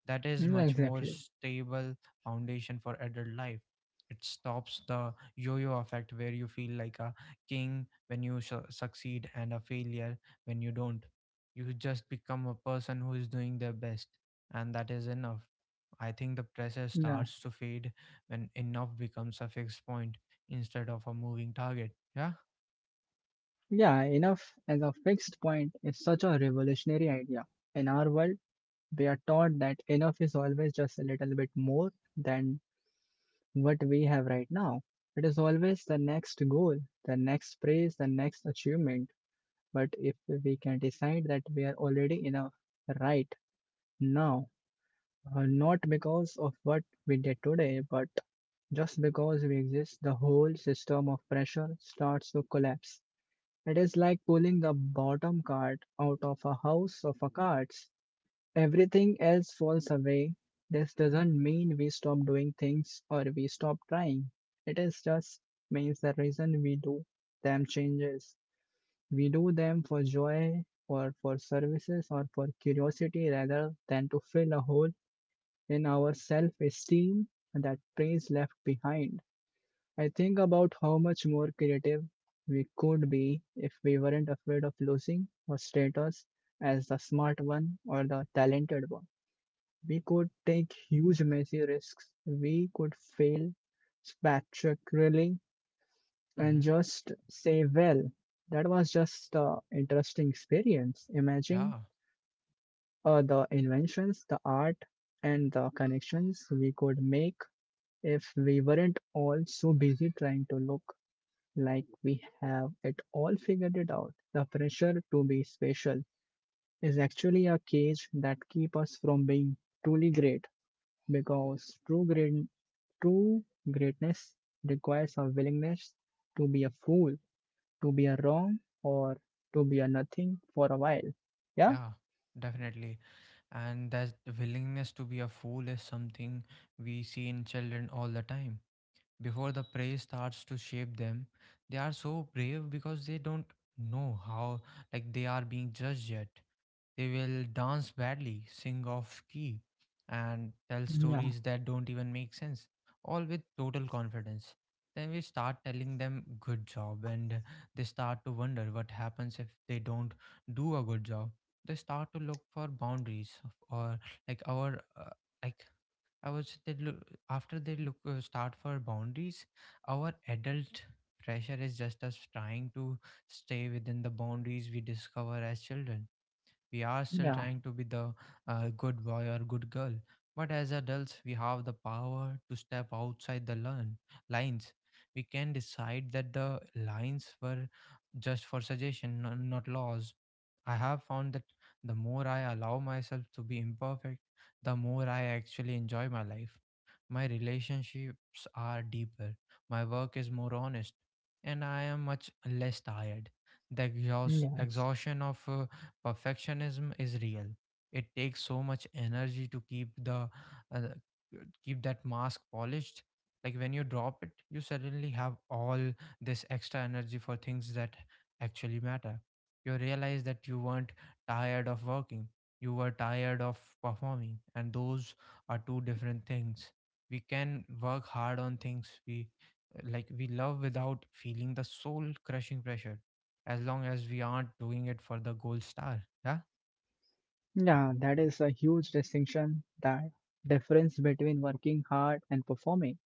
S1: That is
S2: yeah,
S1: much more
S2: exactly.
S1: stable foundation for adult life. It stops the yo-yo effect where you feel like a king when you succeed and a failure when you don't. You just become a person who is doing their best, and that is enough. I think the pressure
S2: Yeah,
S1: starts to fade when enough becomes a fixed point instead of a moving target. Yeah.
S2: yeah, enough as a fixed point is such a revolutionary idea. In our world, we are taught that enough is always just a little bit more than what we have right now. It is always the next goal, the next praise, the next achievement. But if we can decide that we are already enough right now, not because of what we did today, but just because we exist, the whole system of pressure starts to collapse. It is like pulling the bottom card out of a house of cards. Everything else falls away. This doesn't mean we stop doing things or we stop trying. It is just means the reason we do them changes. We do them for joy or for services or for curiosity rather than to fill a hole in our self esteem that praise left behind. I think about how much more creative we could be if we weren't afraid of losing our status as the smart one or the talented one. We could take huge messy risks. We could fail spectacularly and
S1: Mm-hmm.
S2: just say, well, that was just an interesting experience. Imagine
S1: Yeah.
S2: the inventions, the art, and the connections we could make if we weren't all so busy trying to look like we have it all figured it out. The pressure to be special is actually a cage that keeps us from being truly great because true greatness requires a willingness to be a fool, to be a wrong, or to be a nothing for a while. Yeah,
S1: Yeah. Definitely. And that willingness to be a fool is something we see in children all the time, before the prey starts to shape them. They are so brave because they don't know how like they are being judged yet. They will dance badly, sing off key, and tell
S2: yeah,
S1: stories that don't even make sense, all with total confidence. Then we start telling them good job, and they start to wonder what happens if they don't do a good job. They start to look for boundaries or like our like I was they look, after they look start for boundaries. Our adult pressure is just us trying to stay within the boundaries we discover as children. We are still
S2: yeah,
S1: trying to be the good boy or good girl. But as adults, we have the power to step outside the lines. We can decide that the lines were just for suggestion, not laws. I have found that the more I allow myself to be imperfect, the more I actually enjoy my life. My relationships are deeper, my work is more honest, and I am much less tired. The
S2: yeah.
S1: exhaustion of perfectionism is real. It takes so much energy to keep the uh, keep that mask polished. Like, when you drop it, you suddenly have all this extra energy for things that actually matter. You realize that you weren't tired of working, you were tired of performing, and those are two different things. We can work hard on things we love without feeling the soul crushing pressure as long as we aren't doing it for the gold star. Yeah.
S2: Yeah, that is a huge distinction. That difference between working hard and performing.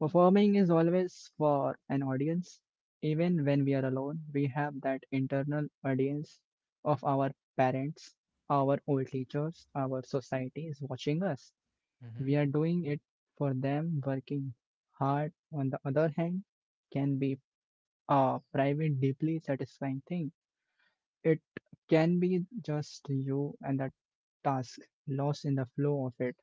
S2: Performing is always for an audience. Even when we are alone, we have that internal audience of our parents, our old teachers, our society is watching us.
S1: Mm-hmm.
S2: We are doing it for them. Working hard, on the other hand, can be a private, deeply satisfying thing. It can be just you and the task, lost in the flow of it.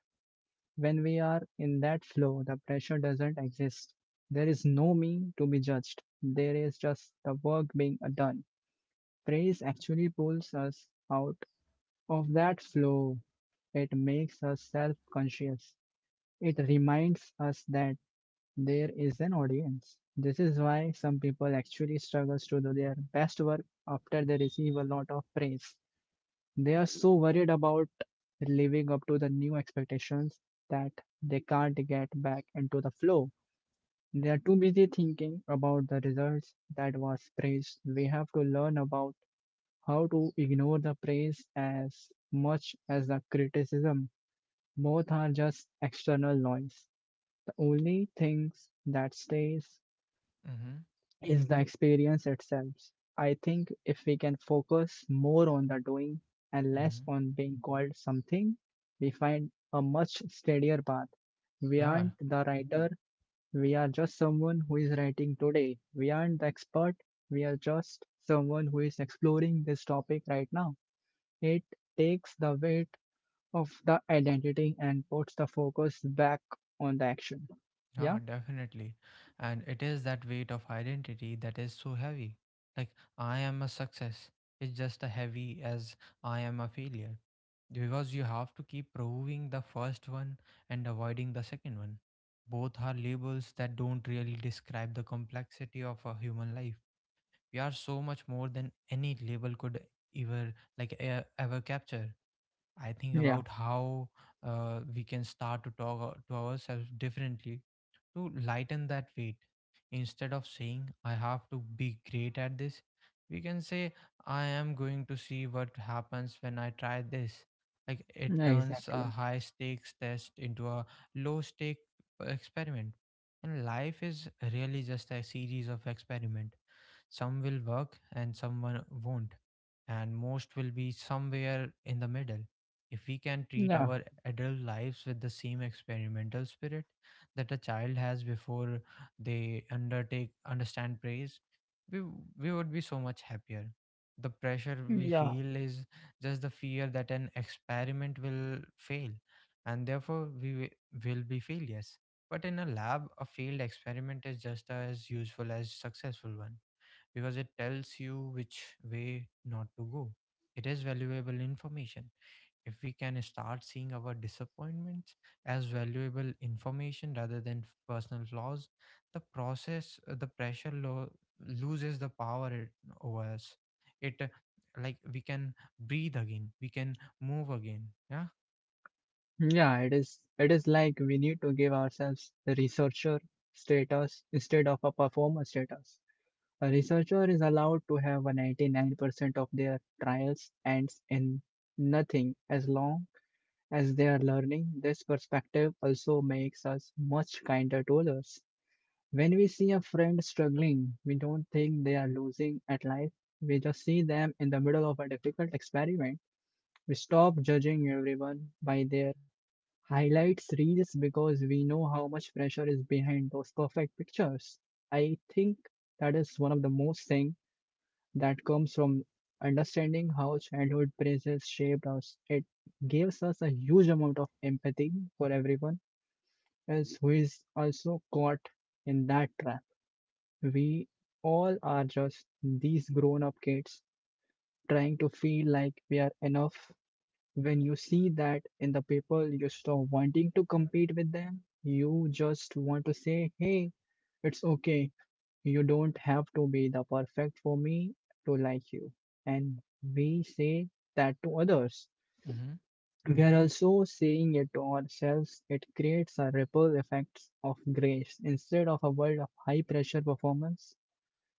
S2: When we are in that flow, the pressure doesn't exist. There is no me to be judged. There is just the work being done. Praise actually pulls us out of that flow. It makes us self conscious. It reminds us that there is an audience. This is why some people actually struggle to do their best work after they receive a lot of praise. They are so worried about living up to the new expectations that they can't get back into the flow. They are too busy thinking about the results that was praised. We have to learn about how to ignore the praise as much as the criticism. Both are just external noise. The only things that stays
S1: Mm-hmm.
S2: is the experience itself. I think if we can focus more on the doing and less
S1: Mm-hmm.
S2: on being called something, we find a much steadier path. We
S1: Yeah,
S2: aren't the writer, we are just someone who is writing today. We aren't the expert, we are just someone who is exploring this topic right now. It takes the weight of the identity and puts the focus back on the action.
S1: yeah,
S2: Yeah?
S1: definitely. And it is that weight of identity that is so heavy. Like, I am a success. It's just as heavy as I am a failure. Because you have to keep proving the first one and avoiding the second one. Both are labels that don't really describe the complexity of a human life. We are so much more than any label could ever, ever capture. I think
S2: Yeah,
S1: about how we can start to talk to ourselves differently to lighten that weight. Instead of saying, I have to be great at this, we can say, I am going to see what happens when I try this. Like, it turns a
S2: exactly.
S1: high stakes test into a low stake experiment. And life is really just a series of experiment. Some will work and someone won't, and most will be somewhere in the middle. If we can treat
S2: Yeah,
S1: our adult lives with the same experimental spirit that a child has before they undertake understand praise, we, we would be so much happier. The pressure we
S2: yeah.
S1: feel is just the fear that an experiment will fail, and therefore will be failures. But in a lab, a failed experiment is just as useful as successful one, because it tells you which way not to go. It is valuable information. If we can start seeing our disappointments as valuable information rather than personal flaws, the the pressure loses the power over us. It like we can breathe again, we can move again. Yeah.
S2: Yeah, it is. It is like we need to give ourselves the researcher status instead of a performer status. A researcher is allowed to have a 99% of their trials ends in nothing as long as they are learning. This perspective also makes us much kinder to others. When we see a friend struggling, we don't think they are losing at life. We just see them in the middle of a difficult experiment. We stop judging everyone by their highlights reels because we know how much pressure is behind those perfect pictures. I think that is one of the most thing that comes from understanding how childhood praises shaped us. It gives us a huge amount of empathy for everyone else who is also caught in that trap. We all are just these grown up kids trying to feel like we are enough when you see that in the paper, you stop wanting to compete with them. You just want to say, hey, it's okay. You don't have to be the perfect for me to like you. And we say that to others.
S1: Hmm.
S2: We are also saying it to ourselves. It creates a ripple effect of grace. Instead of a world of high pressure performance,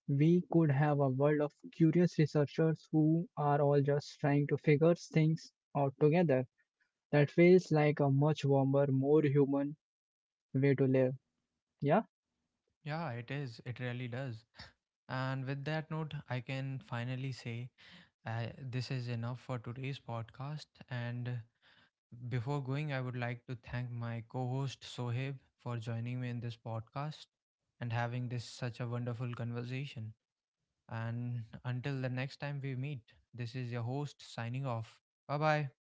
S2: we could have a world of curious researchers who are all just trying to figure things out together. That feels like a much warmer, more human way to live. Yeah.
S1: Yeah, it is. It really does. And with that note, I can finally say, this is enough for today's podcast. And before going, I would like to thank my co host Sohib for joining me in this podcast and having this such a wonderful conversation. And until the next time we meet, this is your host signing off. Bye bye.